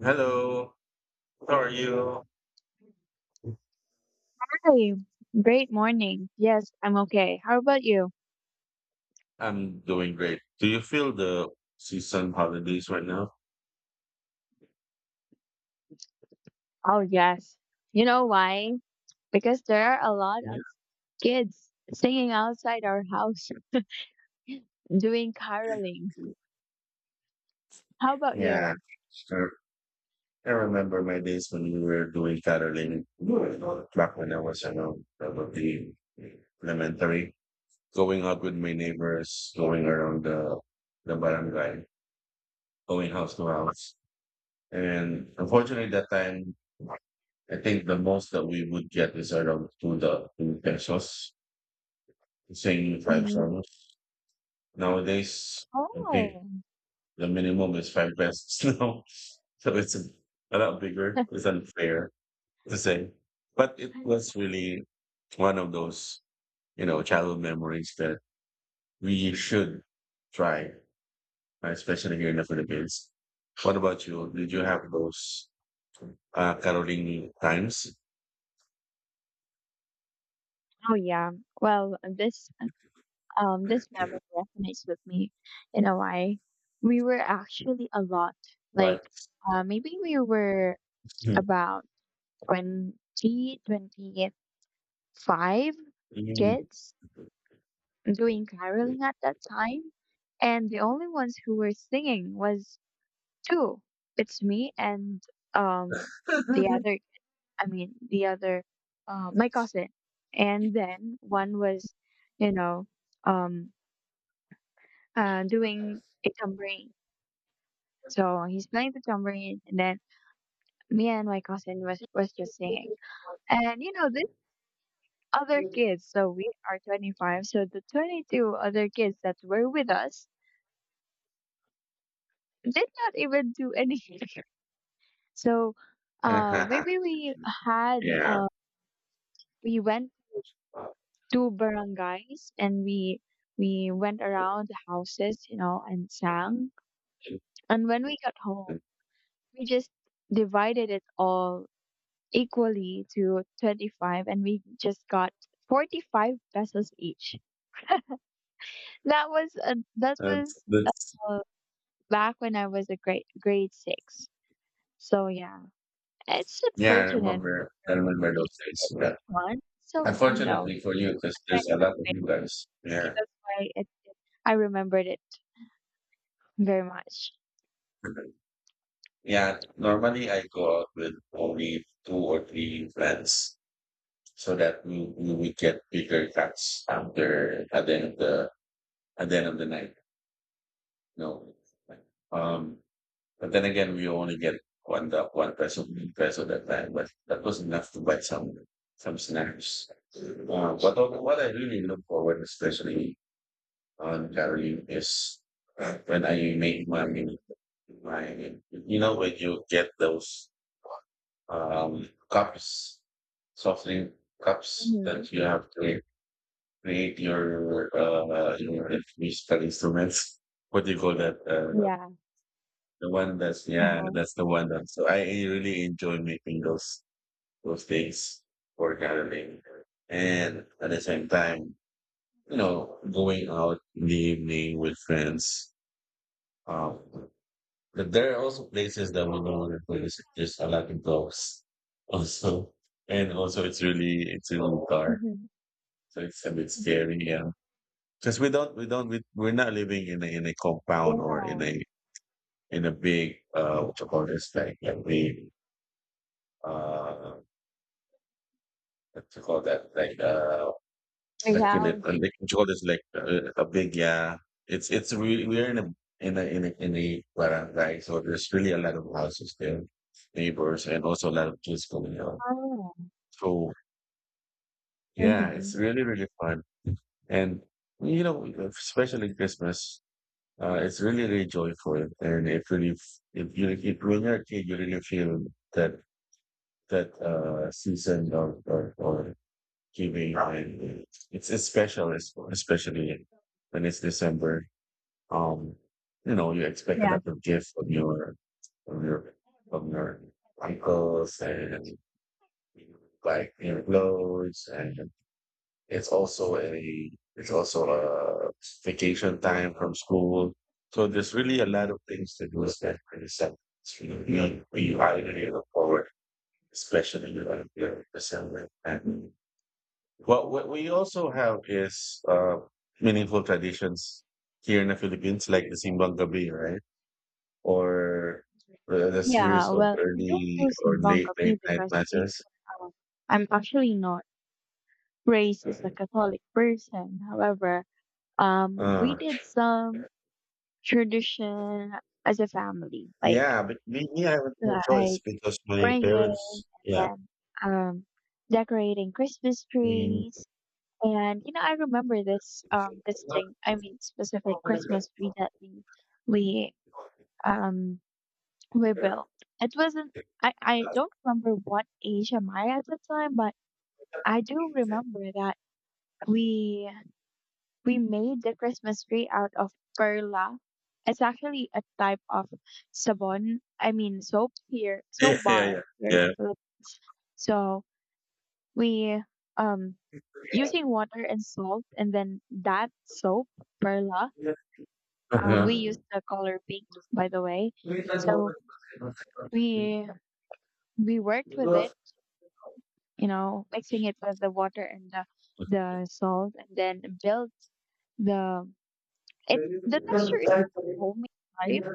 Hello, how are you? Hey, great morning. Yes, I'm okay. How about you? I'm doing great. Do you feel the season holidays right now? Oh, yes. You know why? Because there are a lot of kids singing outside our house doing caroling. How about Yeah, you? sure. I remember my days when we were doing caroling back when I was, you know, probably elementary. Going out with my neighbors, going around the barangay, going house to house. And unfortunately, that time, I think the most that we would get is around two pesos, singing five Hmm. songs. Nowadays, I think Oh. the minimum is five pesos now. So it's a lot bigger. It's unfair to say. But it was really one of those, you know, childhood memories that we should try, right? Especially here in the Philippines. What about you? Did you have those caroling times? Oh yeah. Well, this this memory resonates with me in a way. We were actually a lot. Like What? Maybe we were about 20, 28 5 kids doing caroling at that time, and the only ones who were singing was two. It's me and um the other. I mean the other, my cousin, and then one was, you know, um, doing a tambourine. So he's playing the tambourine, and then me and my cousin was just singing. And you know, these other kids. So we are 25. So the 22 other kids that were with us did not even do anything. So maybe we really had Yeah. We went to barangays and we went around the houses, and sang. And when we got home, we just divided it all equally to 25 and we just got 45 pesos each. That was That's uh, back when I was a grade 6. So yeah. It's yeah, I unfortunate. remember. I remember those days. Yeah. It's fun. It's so fun though. Unfortunately for you, Just because there's a lot of you guys maybe there. that's why I remembered it very much. Yeah, normally I go out with only two or three friends so that we would get bigger cuts after at the end of the at the end of the night. No. Um but then again we only get one peso that time, but that was enough to buy some snacks. But what I really look forward especially on carrying is when I make money. My, you know, when you get those cups, soft drink cups Mm-hmm. that you have to create your musical instruments. What do you call that? Yeah. The one that's yeah, Uh-huh. that's the one that. So I really enjoy making those things for gathering, and at the same time, you know, going out in the evening with friends. Um, But there are also places that we don't want to go visit. There's a lot of ghosts also. And also it's really dark. Mm-hmm. So it's a bit scary. Yeah. Cause we don't, we don't, we, we're not living in in a compound or in Yeah. in a big, what you call this, like a big, uh, what you call that, Big like, house. like what you call this, like a big, yeah. It's really, we're in in a barangay. So there's really a lot of houses there, neighbors, and also a lot of kids coming out. Oh. So yeah, Mm-hmm. it's really, really fun. And you know, especially Christmas, it's really, really joyful. And it really, if you, if when you're a kid, you really feel that, that, season of giving. And it's special, especially when it's December. Um, you know, you expect a Yeah. lot of gifts from your, from your uncles and like your clothes and it's also a vacation time from school. So there's really a lot of things to do, especially for yourself. It's really you we are really look forward, especially when you're December. And what we also have is meaningful traditions here in the Philippines, like the Simbang Gabi, right? Or the series Yeah, of well, I don't early do or Simbang late Gabi night because matches. before, um, I'm actually not raised as a Catholic person. However, we Uh, did some tradition as a family, like Yeah, but me, I have no choice like because my praying and parents, yeah. then um decorating Christmas Mm. trees. And you know, I remember this thing, I mean specific Christmas tree, that we um we built. It wasn't I don't remember what age am I at the time, but I do remember that we We made the Christmas tree out of perla. It's actually a type of sabon. I mean soap here, Yeah, soap bar yeah, here in yeah. the Philippines. So we um using water and salt and then that soap perla. Yeah. We Uh-huh. used the color pink, by the way. So we we worked with it, mixing it with the water and the salt, and then built the it. The texture is like a foamy type,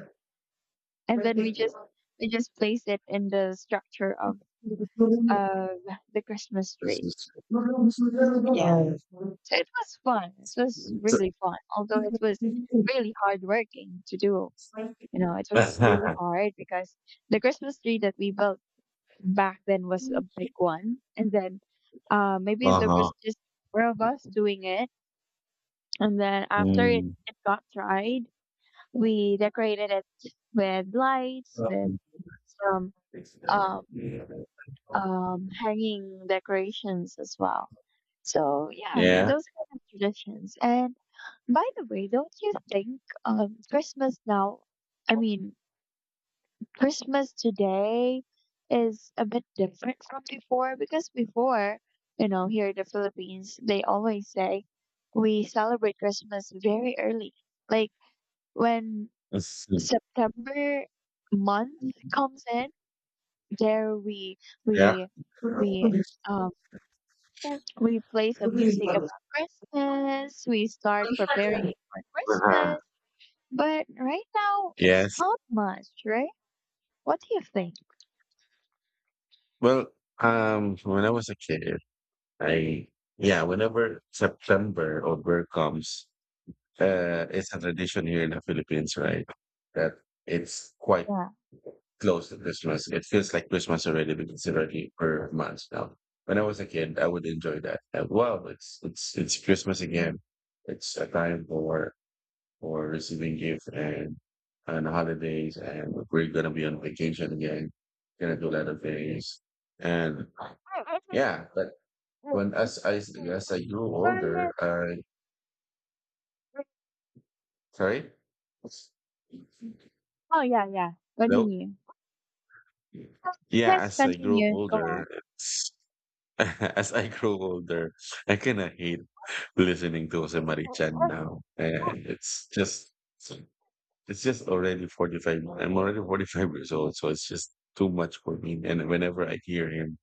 and then we just place it in the structure of the Christmas This tree. is Yeah. So it was fun. It was really fun, although it was really hard working to do. You know, it was really hard because the Christmas tree that we built back then was a big one, and then maybe there uh-huh. was just four of us doing it, and then after it Mm. it got dried, we decorated it with lights, with some um hanging decorations as well. So yeah, Yeah. those kind of traditions. And by the way, don't you think Christmas now? I mean, Christmas today is a bit different from before because before, here in the Philippines, they always say we celebrate Christmas very early, like when That's September month comes in. There yeah. we we um Yeah. We play some music Uh-huh. about Christmas. We start preparing for Christmas. But right now, it's Yes. not much, right? What do you think? Well, when I was a kid, I yeah, whenever September or Burr comes, it's a tradition here in the Philippines, right? That it's quite Yeah. close to Christmas. It feels like Christmas already because it's already for months now. When I was a kid, I would enjoy that. Like, wow, it's Christmas again. It's a time for receiving gifts and holidays, and we're gonna be on vacation again. Gonna do a lot of things, and I think- yeah. But w- when w- as w- I grew older, I sorry, Oh yeah, yeah. hello. Continue. Yeah, Let's as I grew continue. Go older, on. as I grow older, I kinda hate listening to Jose Marie-chan now, and it's just already 45 I'm already 45 years old, so it's just too much for me, and whenever I hear him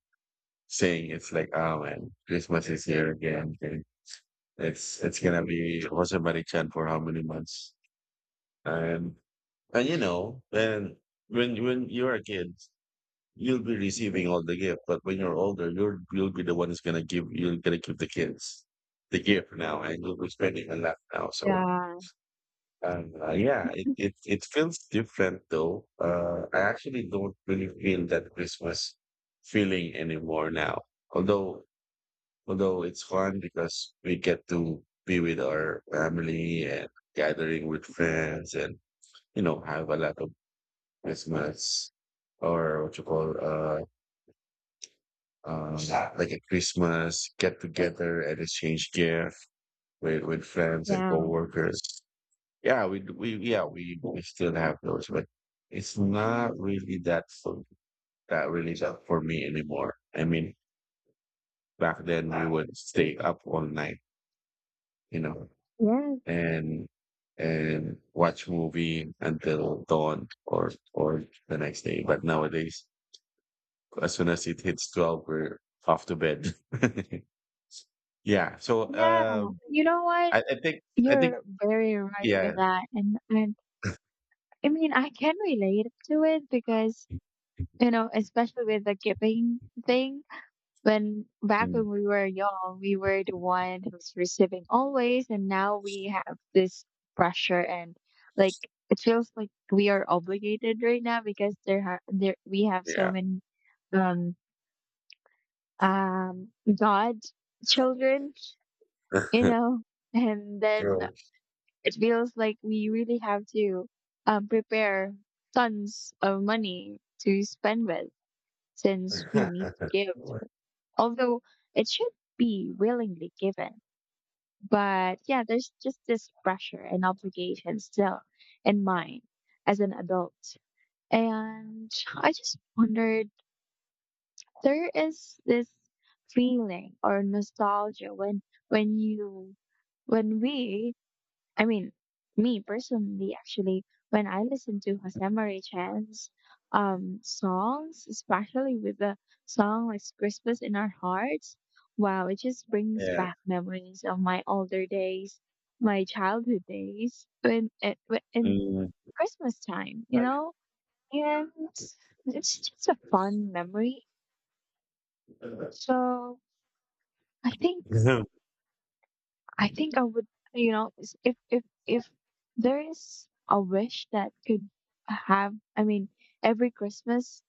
saying, it's like, "Oh, man, Christmas is here again," and it's gonna be Jose Marie-chan for how many months? And and, you know, and when you're a kid you'll be receiving all the gift, but when you're older, you'll be the one who's gonna give you're gonna give the kids the gift now, and you'll be spending a lot now. So, Yeah, yeah, it feels different though. I actually don't really feel that Christmas feeling anymore now. Although although it's fun because we get to be with our family and gathering with friends, and you know have a lot of Christmas or what you call um, like at Christmas, get together and exchange gifts with friends and yeah, coworkers. Yeah, we d- we yeah we still have those, but it's not really that for that really that for me anymore. I mean, back then we would stay up all night, you know, yes, and and watch movie until dawn or the next day. But nowadays, as soon as it hits 12, we're off to bed. Yeah. So, yeah, you know what? I think I think You're very right yeah. with that. And I mean, I can relate to it because especially with the giving thing. When back Mm, when we were young, we were the one who's receiving always, and now we have this pressure, and like it feels like we are obligated right now because there we have so yeah. many um um god children, you know, and then True. it feels like we really have to prepare tons of money to spend with since we need to give. Although it should be willingly given. But yeah, there's just this pressure and obligation still in mind as an adult. And I just wondered, there is this feeling or nostalgia when you when we I mean, me personally, actually, when I listen to Jose Maria Chan's songs, especially with the song like Christmas in Our Hearts. Wow, it just brings Yeah. back memories of my older days, my childhood days, in Mm. Christmas time, you Yeah. know? And it's just a fun memory. So I think. I think I would, if if there is a wish that could have, I mean, every Christmas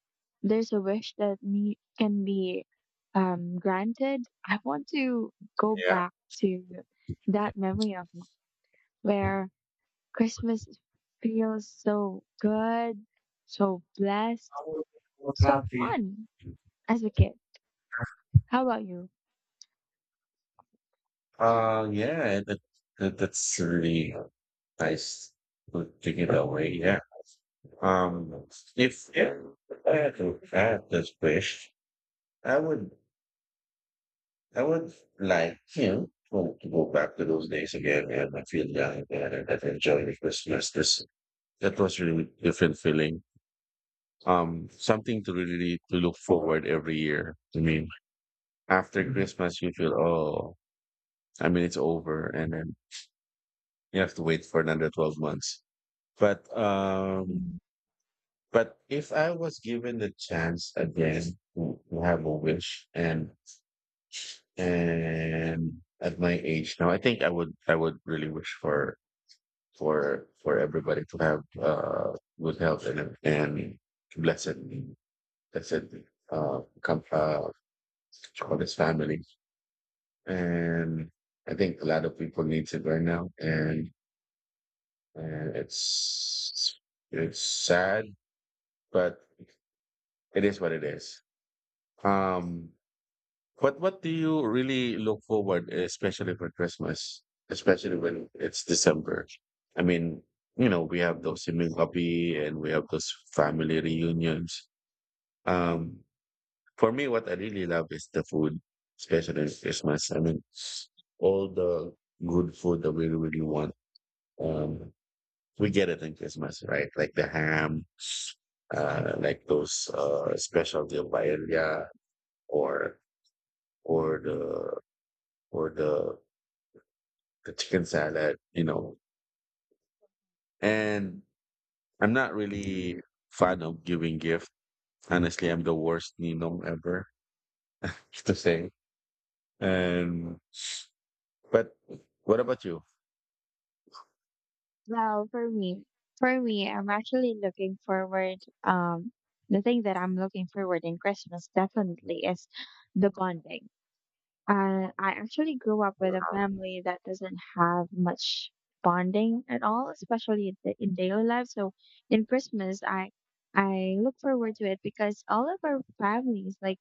there's a wish that me can be granted. I want to go back to that memory of mine where Christmas feels so good, so blessed, so fun as a kid. How about you? Yeah, that's really nice to take it away. Yeah. Um, if I had to add this wish, I would I would like, you know, to go back to those days again and I feel young again and that enjoy the Christmas. This that was really different feeling. Something to really really, to look forward every year. I mean, after Christmas you feel, oh, I mean it's over and then you have to wait for another 12 months. But um but if I was given the chance again to have a wish and at my age now, I would really wish for everybody to have good health and blessed blessed come for this family. And I think a lot of people needs it right now, and it's sad, but it is what it is. Um, what do you really look forward, especially for Christmas, especially when it's December? I mean, you know, we have those similkapi and we have those family reunions. Um, for me, what I really love is the food, especially in Christmas. I mean, all the good food that we really want, um, we get it in Christmas, right? Like the ham, like those specialty of paella or or the or the the chicken salad, you know. And I'm not really fan of giving gift. Honestly, I'm the worst ninong ever to say. And but what about you? Well, for me, I'm actually looking forward. Um, the thing that I'm looking forward in Christmas definitely is the bonding. I actually grew up with a family that doesn't have much bonding at all, especially in daily life. So in Christmas, I look forward to it because all of our families, like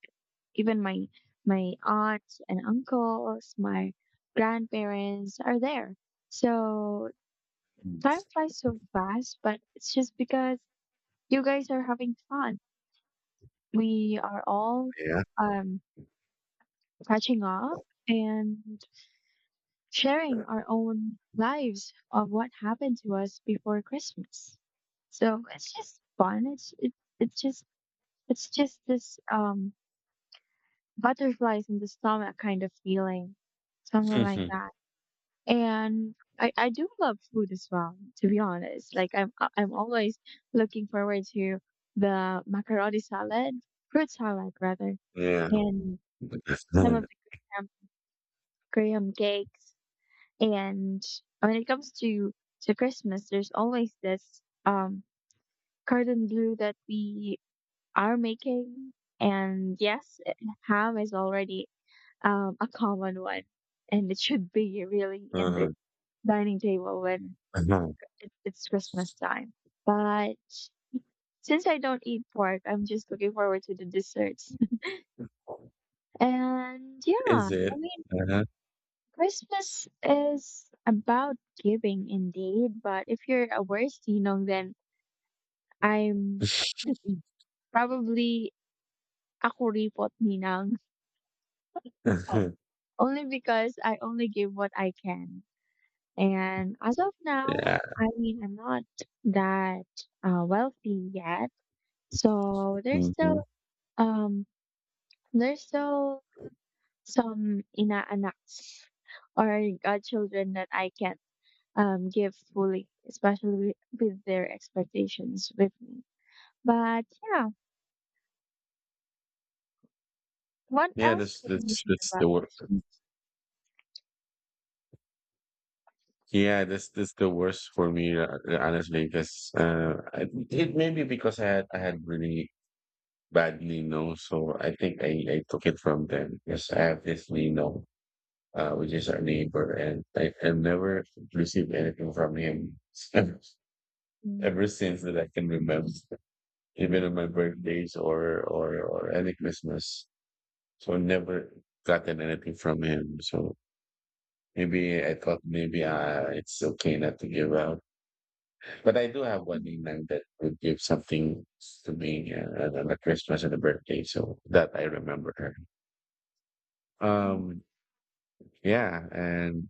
even my aunts and uncles, my grandparents, are there. So Mm, time flies so fast, but it's just because you guys are having fun. We are all yeah. um, catching up and sharing our own lives of what happened to us before Christmas. So it's just fun. It's just it's just this butterflies in the stomach kind of feeling, something like Mhm. that. And I do love food as well, to be honest, like I'm always looking forward to the macaroni salad, fruit salad rather, Yeah. and some of the graham, graham cakes, and when it comes to Christmas, there's always this cordon bleu that we are making, and yes, ham is already a common one, and it should be really in the uh-huh. dining table when Uh-huh. it's Christmas time. But since I don't eat pork, I'm just looking forward to the desserts. And Is yeah, I it? mean, Uh-huh. Christmas is about giving indeed. But if you're a worst ninong, then I'm probably ako repot ninang. Only because I only give what I can. And as of now, yeah. I mean, I'm not that wealthy yet. So Hmm. Um there's still some ina-anak or godchildren that I can't give fully, especially with their expectations with me. But yeah, what Yeah, else can you share that's the about worst. Christmas? Yeah, that's the worst for me, honestly, because it maybe because I had really badly known. So I think I took it from them because I have this Nino, which is our neighbor, and I never received anything from him ever, Mm, ever since that I can remember, even on my birthdays or any Christmas. So I never gotten anything from him. So maybe I thought maybe it's okay not to give out. But I do have one nickname that would give something to me on the Christmas and the birthday, so that I remember her. Um, Yeah, and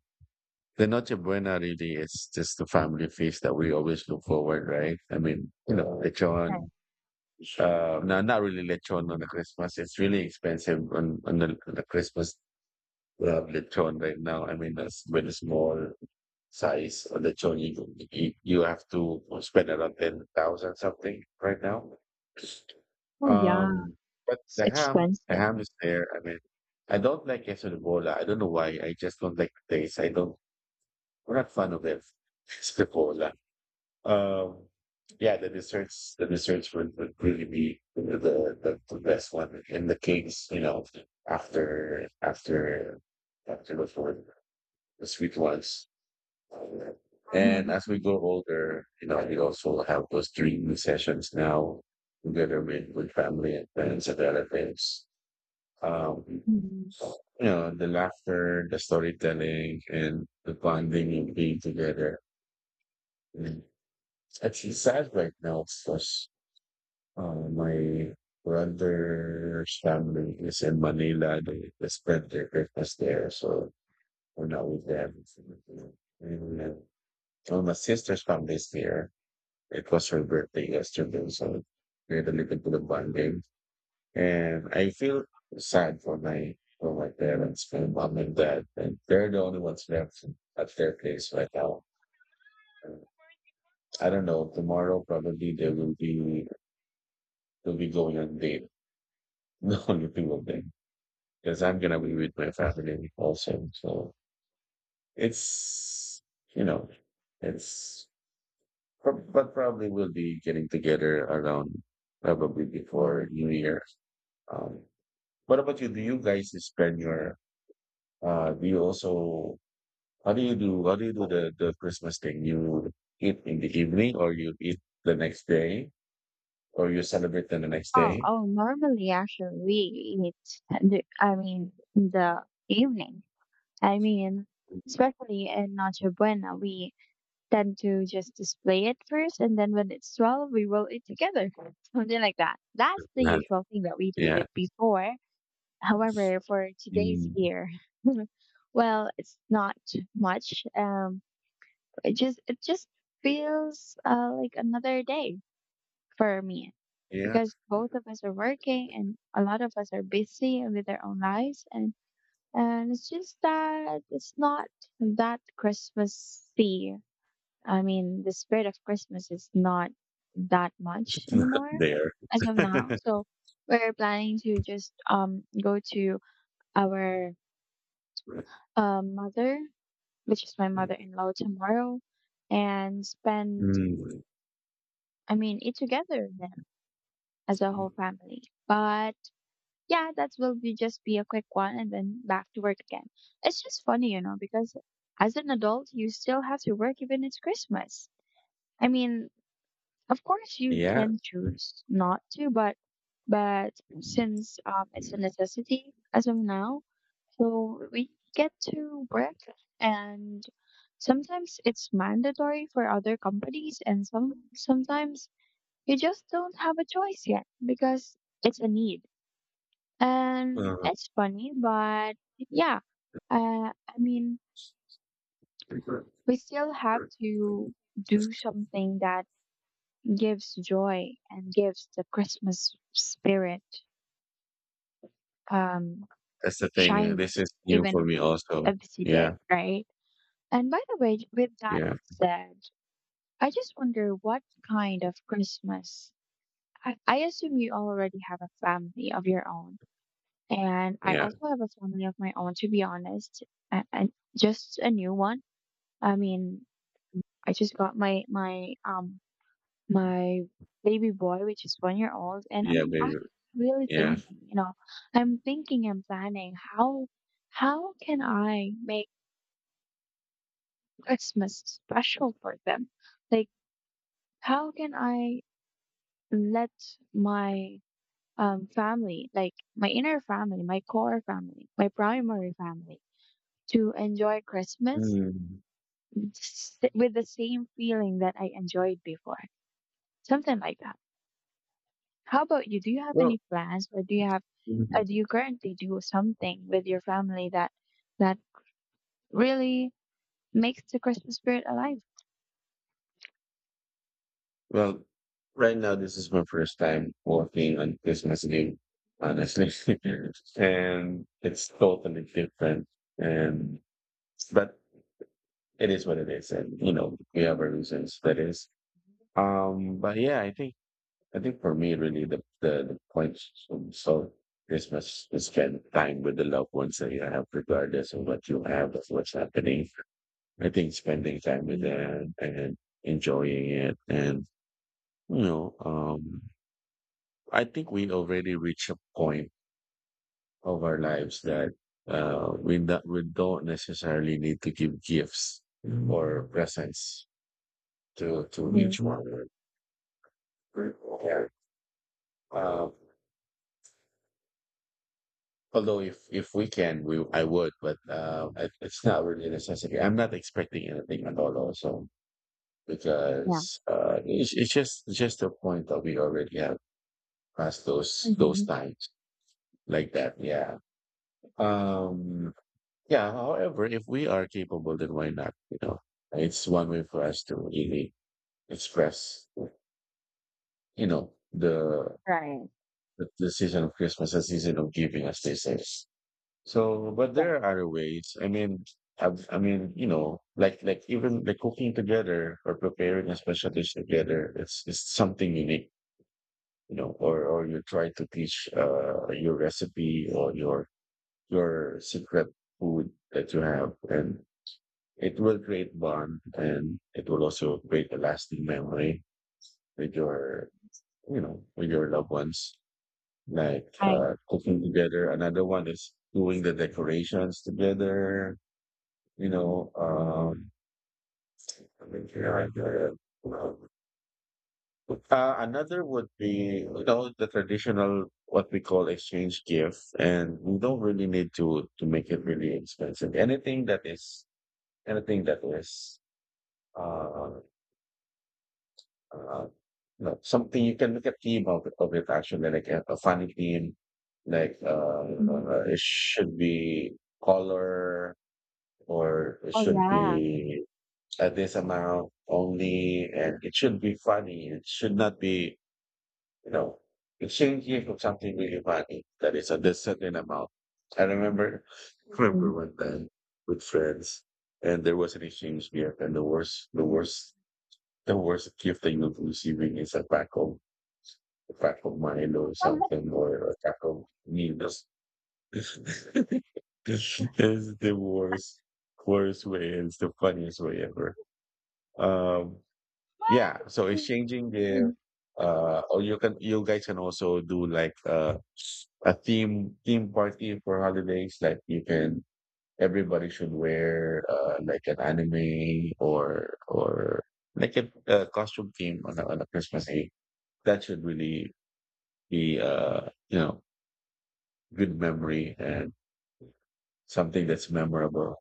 the Noche Buena really is just the family feast that we always look forward, right? I mean, you know, right. lechon. No, not really lechon on the Christmas. It's really expensive on the Christmas lechon right now. I mean, that's with a small size of lechon, you have to spend around 10,000 something right now. Oh yeah, Um, but it's the expensive. ham is there. I mean, I don't like queso de bola. I don't know why. I just don't like the taste. I'm not fond of it. Scripola. Um, yeah, the desserts would really be the best one. And the cakes, you know, after after after the food, the sweet ones. And Mhm. as we grow older, you know, we also have those dream sessions now together with family and friends and relatives. Um, Mhm. you know, the laughter, the storytelling, and the bonding and being together. It's sad right now because my brother's family is in Manila. They spent their Christmas there, so we're not with them. And then, well, my sister's family is here. It was her birthday yesterday, so we had a little bit of bonding. And I feel sad for my parents, my mom and dad, and they're the only ones left at their place right now. I don't know. Tomorrow probably they will be they'll be going on date. No, nothing will be because I'm gonna be with my family also. So it's you know, it's but probably we'll be getting together around probably before New Year. Um, what about you? Do you guys spend your uh? Do you also how do you do the Christmas thing? You eat in the evening or you eat the next day? Or you celebrate them the next Oh, day? oh, normally actually we eat, I mean, in the evening. I mean, especially in Noche Buena, we tend to just display it first, and then when it's 12, we roll it together, something like that. That's the Right. usual thing that we do Yeah. with before. However, for today's Mm, year, well, it's not much. It just feels like another day for me yeah. because both of us are working and a lot of us are busy with our own lives, and it's just that it's not that Christmassy. I mean, the spirit of Christmas is not that much It's not anymore there. as of now. So we're planning to just go to our mother, which is my mother-in-law, tomorrow, and spend Mm. I mean eat together there as a whole family. But yeah, that will be just be a quick one and then back to work again. It's just funny, because as an adult you still have to work even it's Christmas. I mean, of course, you Yeah. can choose not to, but but since it's a necessity as of now, so we get to work, and sometimes it's mandatory for other companies, and sometimes you just don't have a choice yet because it's a need. And uh it's funny, but yeah, I mean, we still have to do something that gives joy and gives the Christmas spirit um That's the thing. shining, This is new even for if me it's also. a busy day, Yeah. right? And by the way, with that Yeah. said, I just wonder what kind of Christmas. I assume you already have a family of your own, and I Yeah. also have a family of my own, to be honest, and, just a new one. I mean, I just got my baby boy, which is 1 year old, and Yeah, I'm baby. actually really Yeah. thinking, I'm thinking and planning how can I make Christmas special for them? Like how can I let my family, like my inner family, my core family, my primary family, to enjoy Christmas Mm. With the same feeling that I enjoyed before. Something like that. How about you? Do you have Well any plans, or do you have do you currently do something with your family that really makes the Christmas spirit alive? Well, right now this is my first time working on Christmas Eve, honestly, and it's totally different. And but it is what it is, and you know we have our reasons. That is, but yeah, I think for me really the point so Christmas is spend time with the loved ones that you have, regardless of what you have, of what's happening. I think spending time with Mm-hmm. them and enjoying it, and you know, I think we already reach a point of our lives that we don't necessarily need to give gifts or presents to each one. Yeah. Uh, Although if we can, I would, but it's not really a necessity. I'm not expecting anything at all also Yeah. because it's just a point that we already have past those Mm-hmm. times like that. Yeah. Um, yeah. However, if we are capable, then why not? You know, it's one way for us to really express, you know, Right. The season of Christmas, the season of giving, as they say. So, but Yeah. there are other ways. I mean, I mean, you know, even like cooking together or preparing a special dish together, it's something unique, you know. Or you try to teach your recipe or your secret food that you have, and it will create bond and it will also create a lasting memory with your, you know, with your loved ones. Like Right. Cooking together. Another one is doing the decorations together. You know, I mean, yeah. Another would be, you know, the traditional what we call exchange gift, and we don't really need to make it really expensive. Anything that is uh uh no, something you can make a theme of it actually, like a funny theme, like Hmm. It should be color or it Oh should yeah. be at this amount only, and it should be funny. It should not be, you know, it shouldn't give you something really funny that is at this certain amount. I remember, Mm-hmm. remember one time with friends, and there was an exchange gift, and the worst gift that you receiving is a pack of Milo or something or a pack of Needles. It's the worst, worst way. It's the funniest way ever. Um, yeah. So exchanging gift. Or you guys can also do like a theme party for holidays. Like you can everybody should wear like an anime or like a costume theme on on a Christmas Eve. That should really be you know good memory and something that's memorable.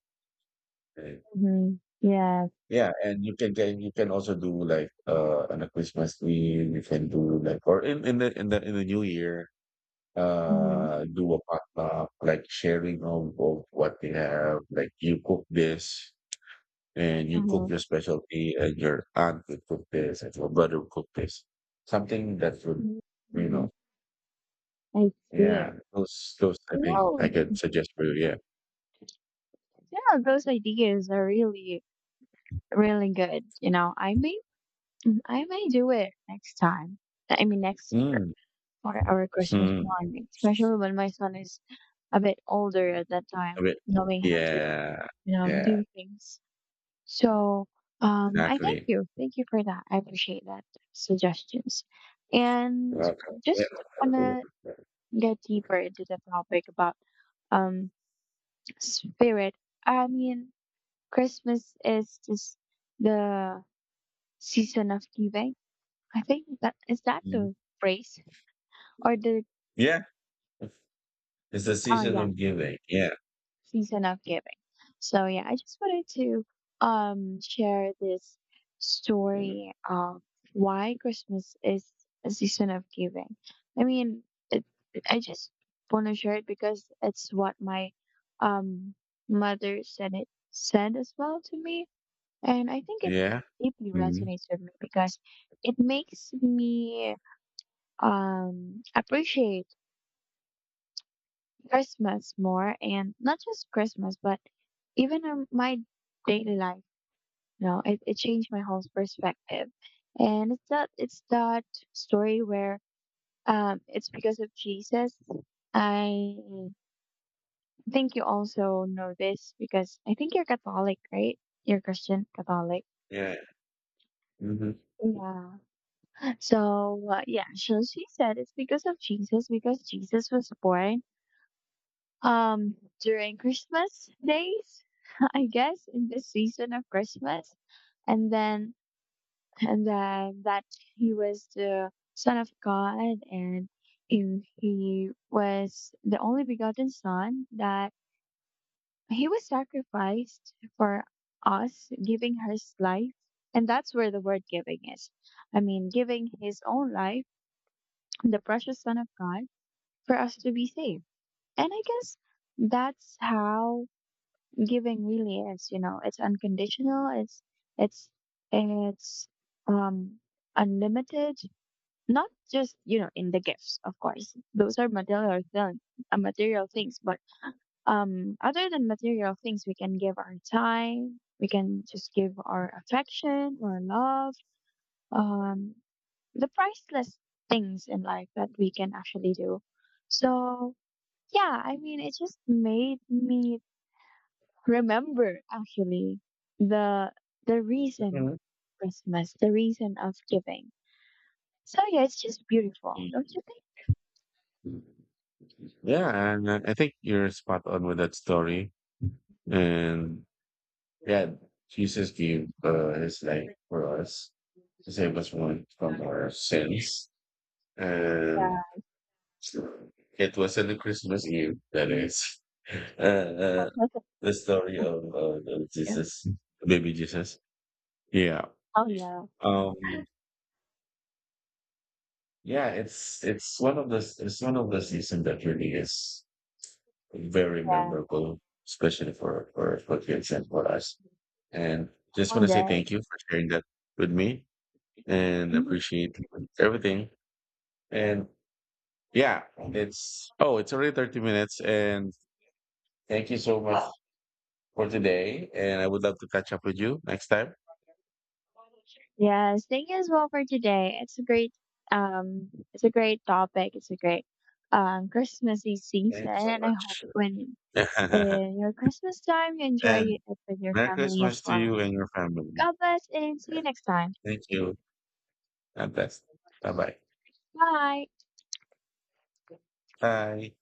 And Mm-hmm. Yes. yeah, and you can also do like on a Christmas Eve. You can do like or in the New Year Mm-hmm. Do a potluck like sharing of what they have like you cook this and you cook Uh-huh. your specialty and your aunt would cook this and your brother would cook this. Something that would, you Mm-hmm. know, I yeah, see. I think I Oh. could suggest for you. Yeah. No, yeah, those ideas are really, really good. You know, I may do it next time. I mean, next year, Mm. for our Christmas Mm. morning, especially when my son is a bit older at that A time, bit. knowing how to, Yeah. Yeah. do things. So, I thank Exactly. you. Thank you for that. I appreciate that suggestions. And Welcome. Yeah. just wanna get deeper into the topic about um spirit. I mean, Christmas is just the season of giving. I think that is that Mhm. the phrase or the, Yeah. It's the oh season yeah, of giving. Yeah. season of giving. So yeah, I just wanted to share this story of why Christmas is a season of giving. I mean, it, I just want to share it because it's what my um mother said as well to me, and I think it Yeah. deeply Hmm. resonates with me because it makes me appreciate Christmas more, and not just Christmas but even in my daily life. You know, it changed my whole perspective, and it's that, story where it's because of Jesus. I think you also know this because I think you're Catholic, right? You're Christian Catholic. Yeah. Hmm. Yeah. So yeah, so she said it's because of Jesus, because Jesus was born um during Christmas days, I guess in this season of Christmas. And then, that he was the son of God, and he was the only begotten son, that he was sacrificed for us, giving his life. And that's where the word giving is. I mean, giving his own life, the precious son of God, for us to be saved. And I guess that's how giving really is. You know, it's unconditional. It's it's um unlimited, not just, in the gifts. Of course, those are material things, but other than material things, we can give our time. We can just give our affection or love, um the priceless things in life that we can actually do. So yeah, I mean, it just made me remember, actually, the the reason the reason of giving. So yeah, it's just beautiful, don't you Yeah. And I think you're spot on with that story. think? And yeah, Jesus gave his life Yeah. for us to save us from our sins. And it was not the Christmas Eve, that is, uh, uh, Welcome. the story of the Yeah. Jesus, baby Jesus. Yeah. Oh yeah. Um, yeah, it's it's one of the season that really is very Yeah. memorable, especially for kids and for us. And just want Long to say day. thank you for sharing that with me, and Mhm. appreciate everything. And yeah, it's oh, it's already 30 minutes. And thank you so much for today. And I would love to catch up with you next time. Yes. Thank you as well for today. It's a great topic. It's a great Christmassy season, Thanks so and I hope when much. in your Christmas time you enjoy it And with your Merry family as Christmas to well. you and your family. God bless and see you next time. Thank you. God bless. Bye bye. Bye. Bye.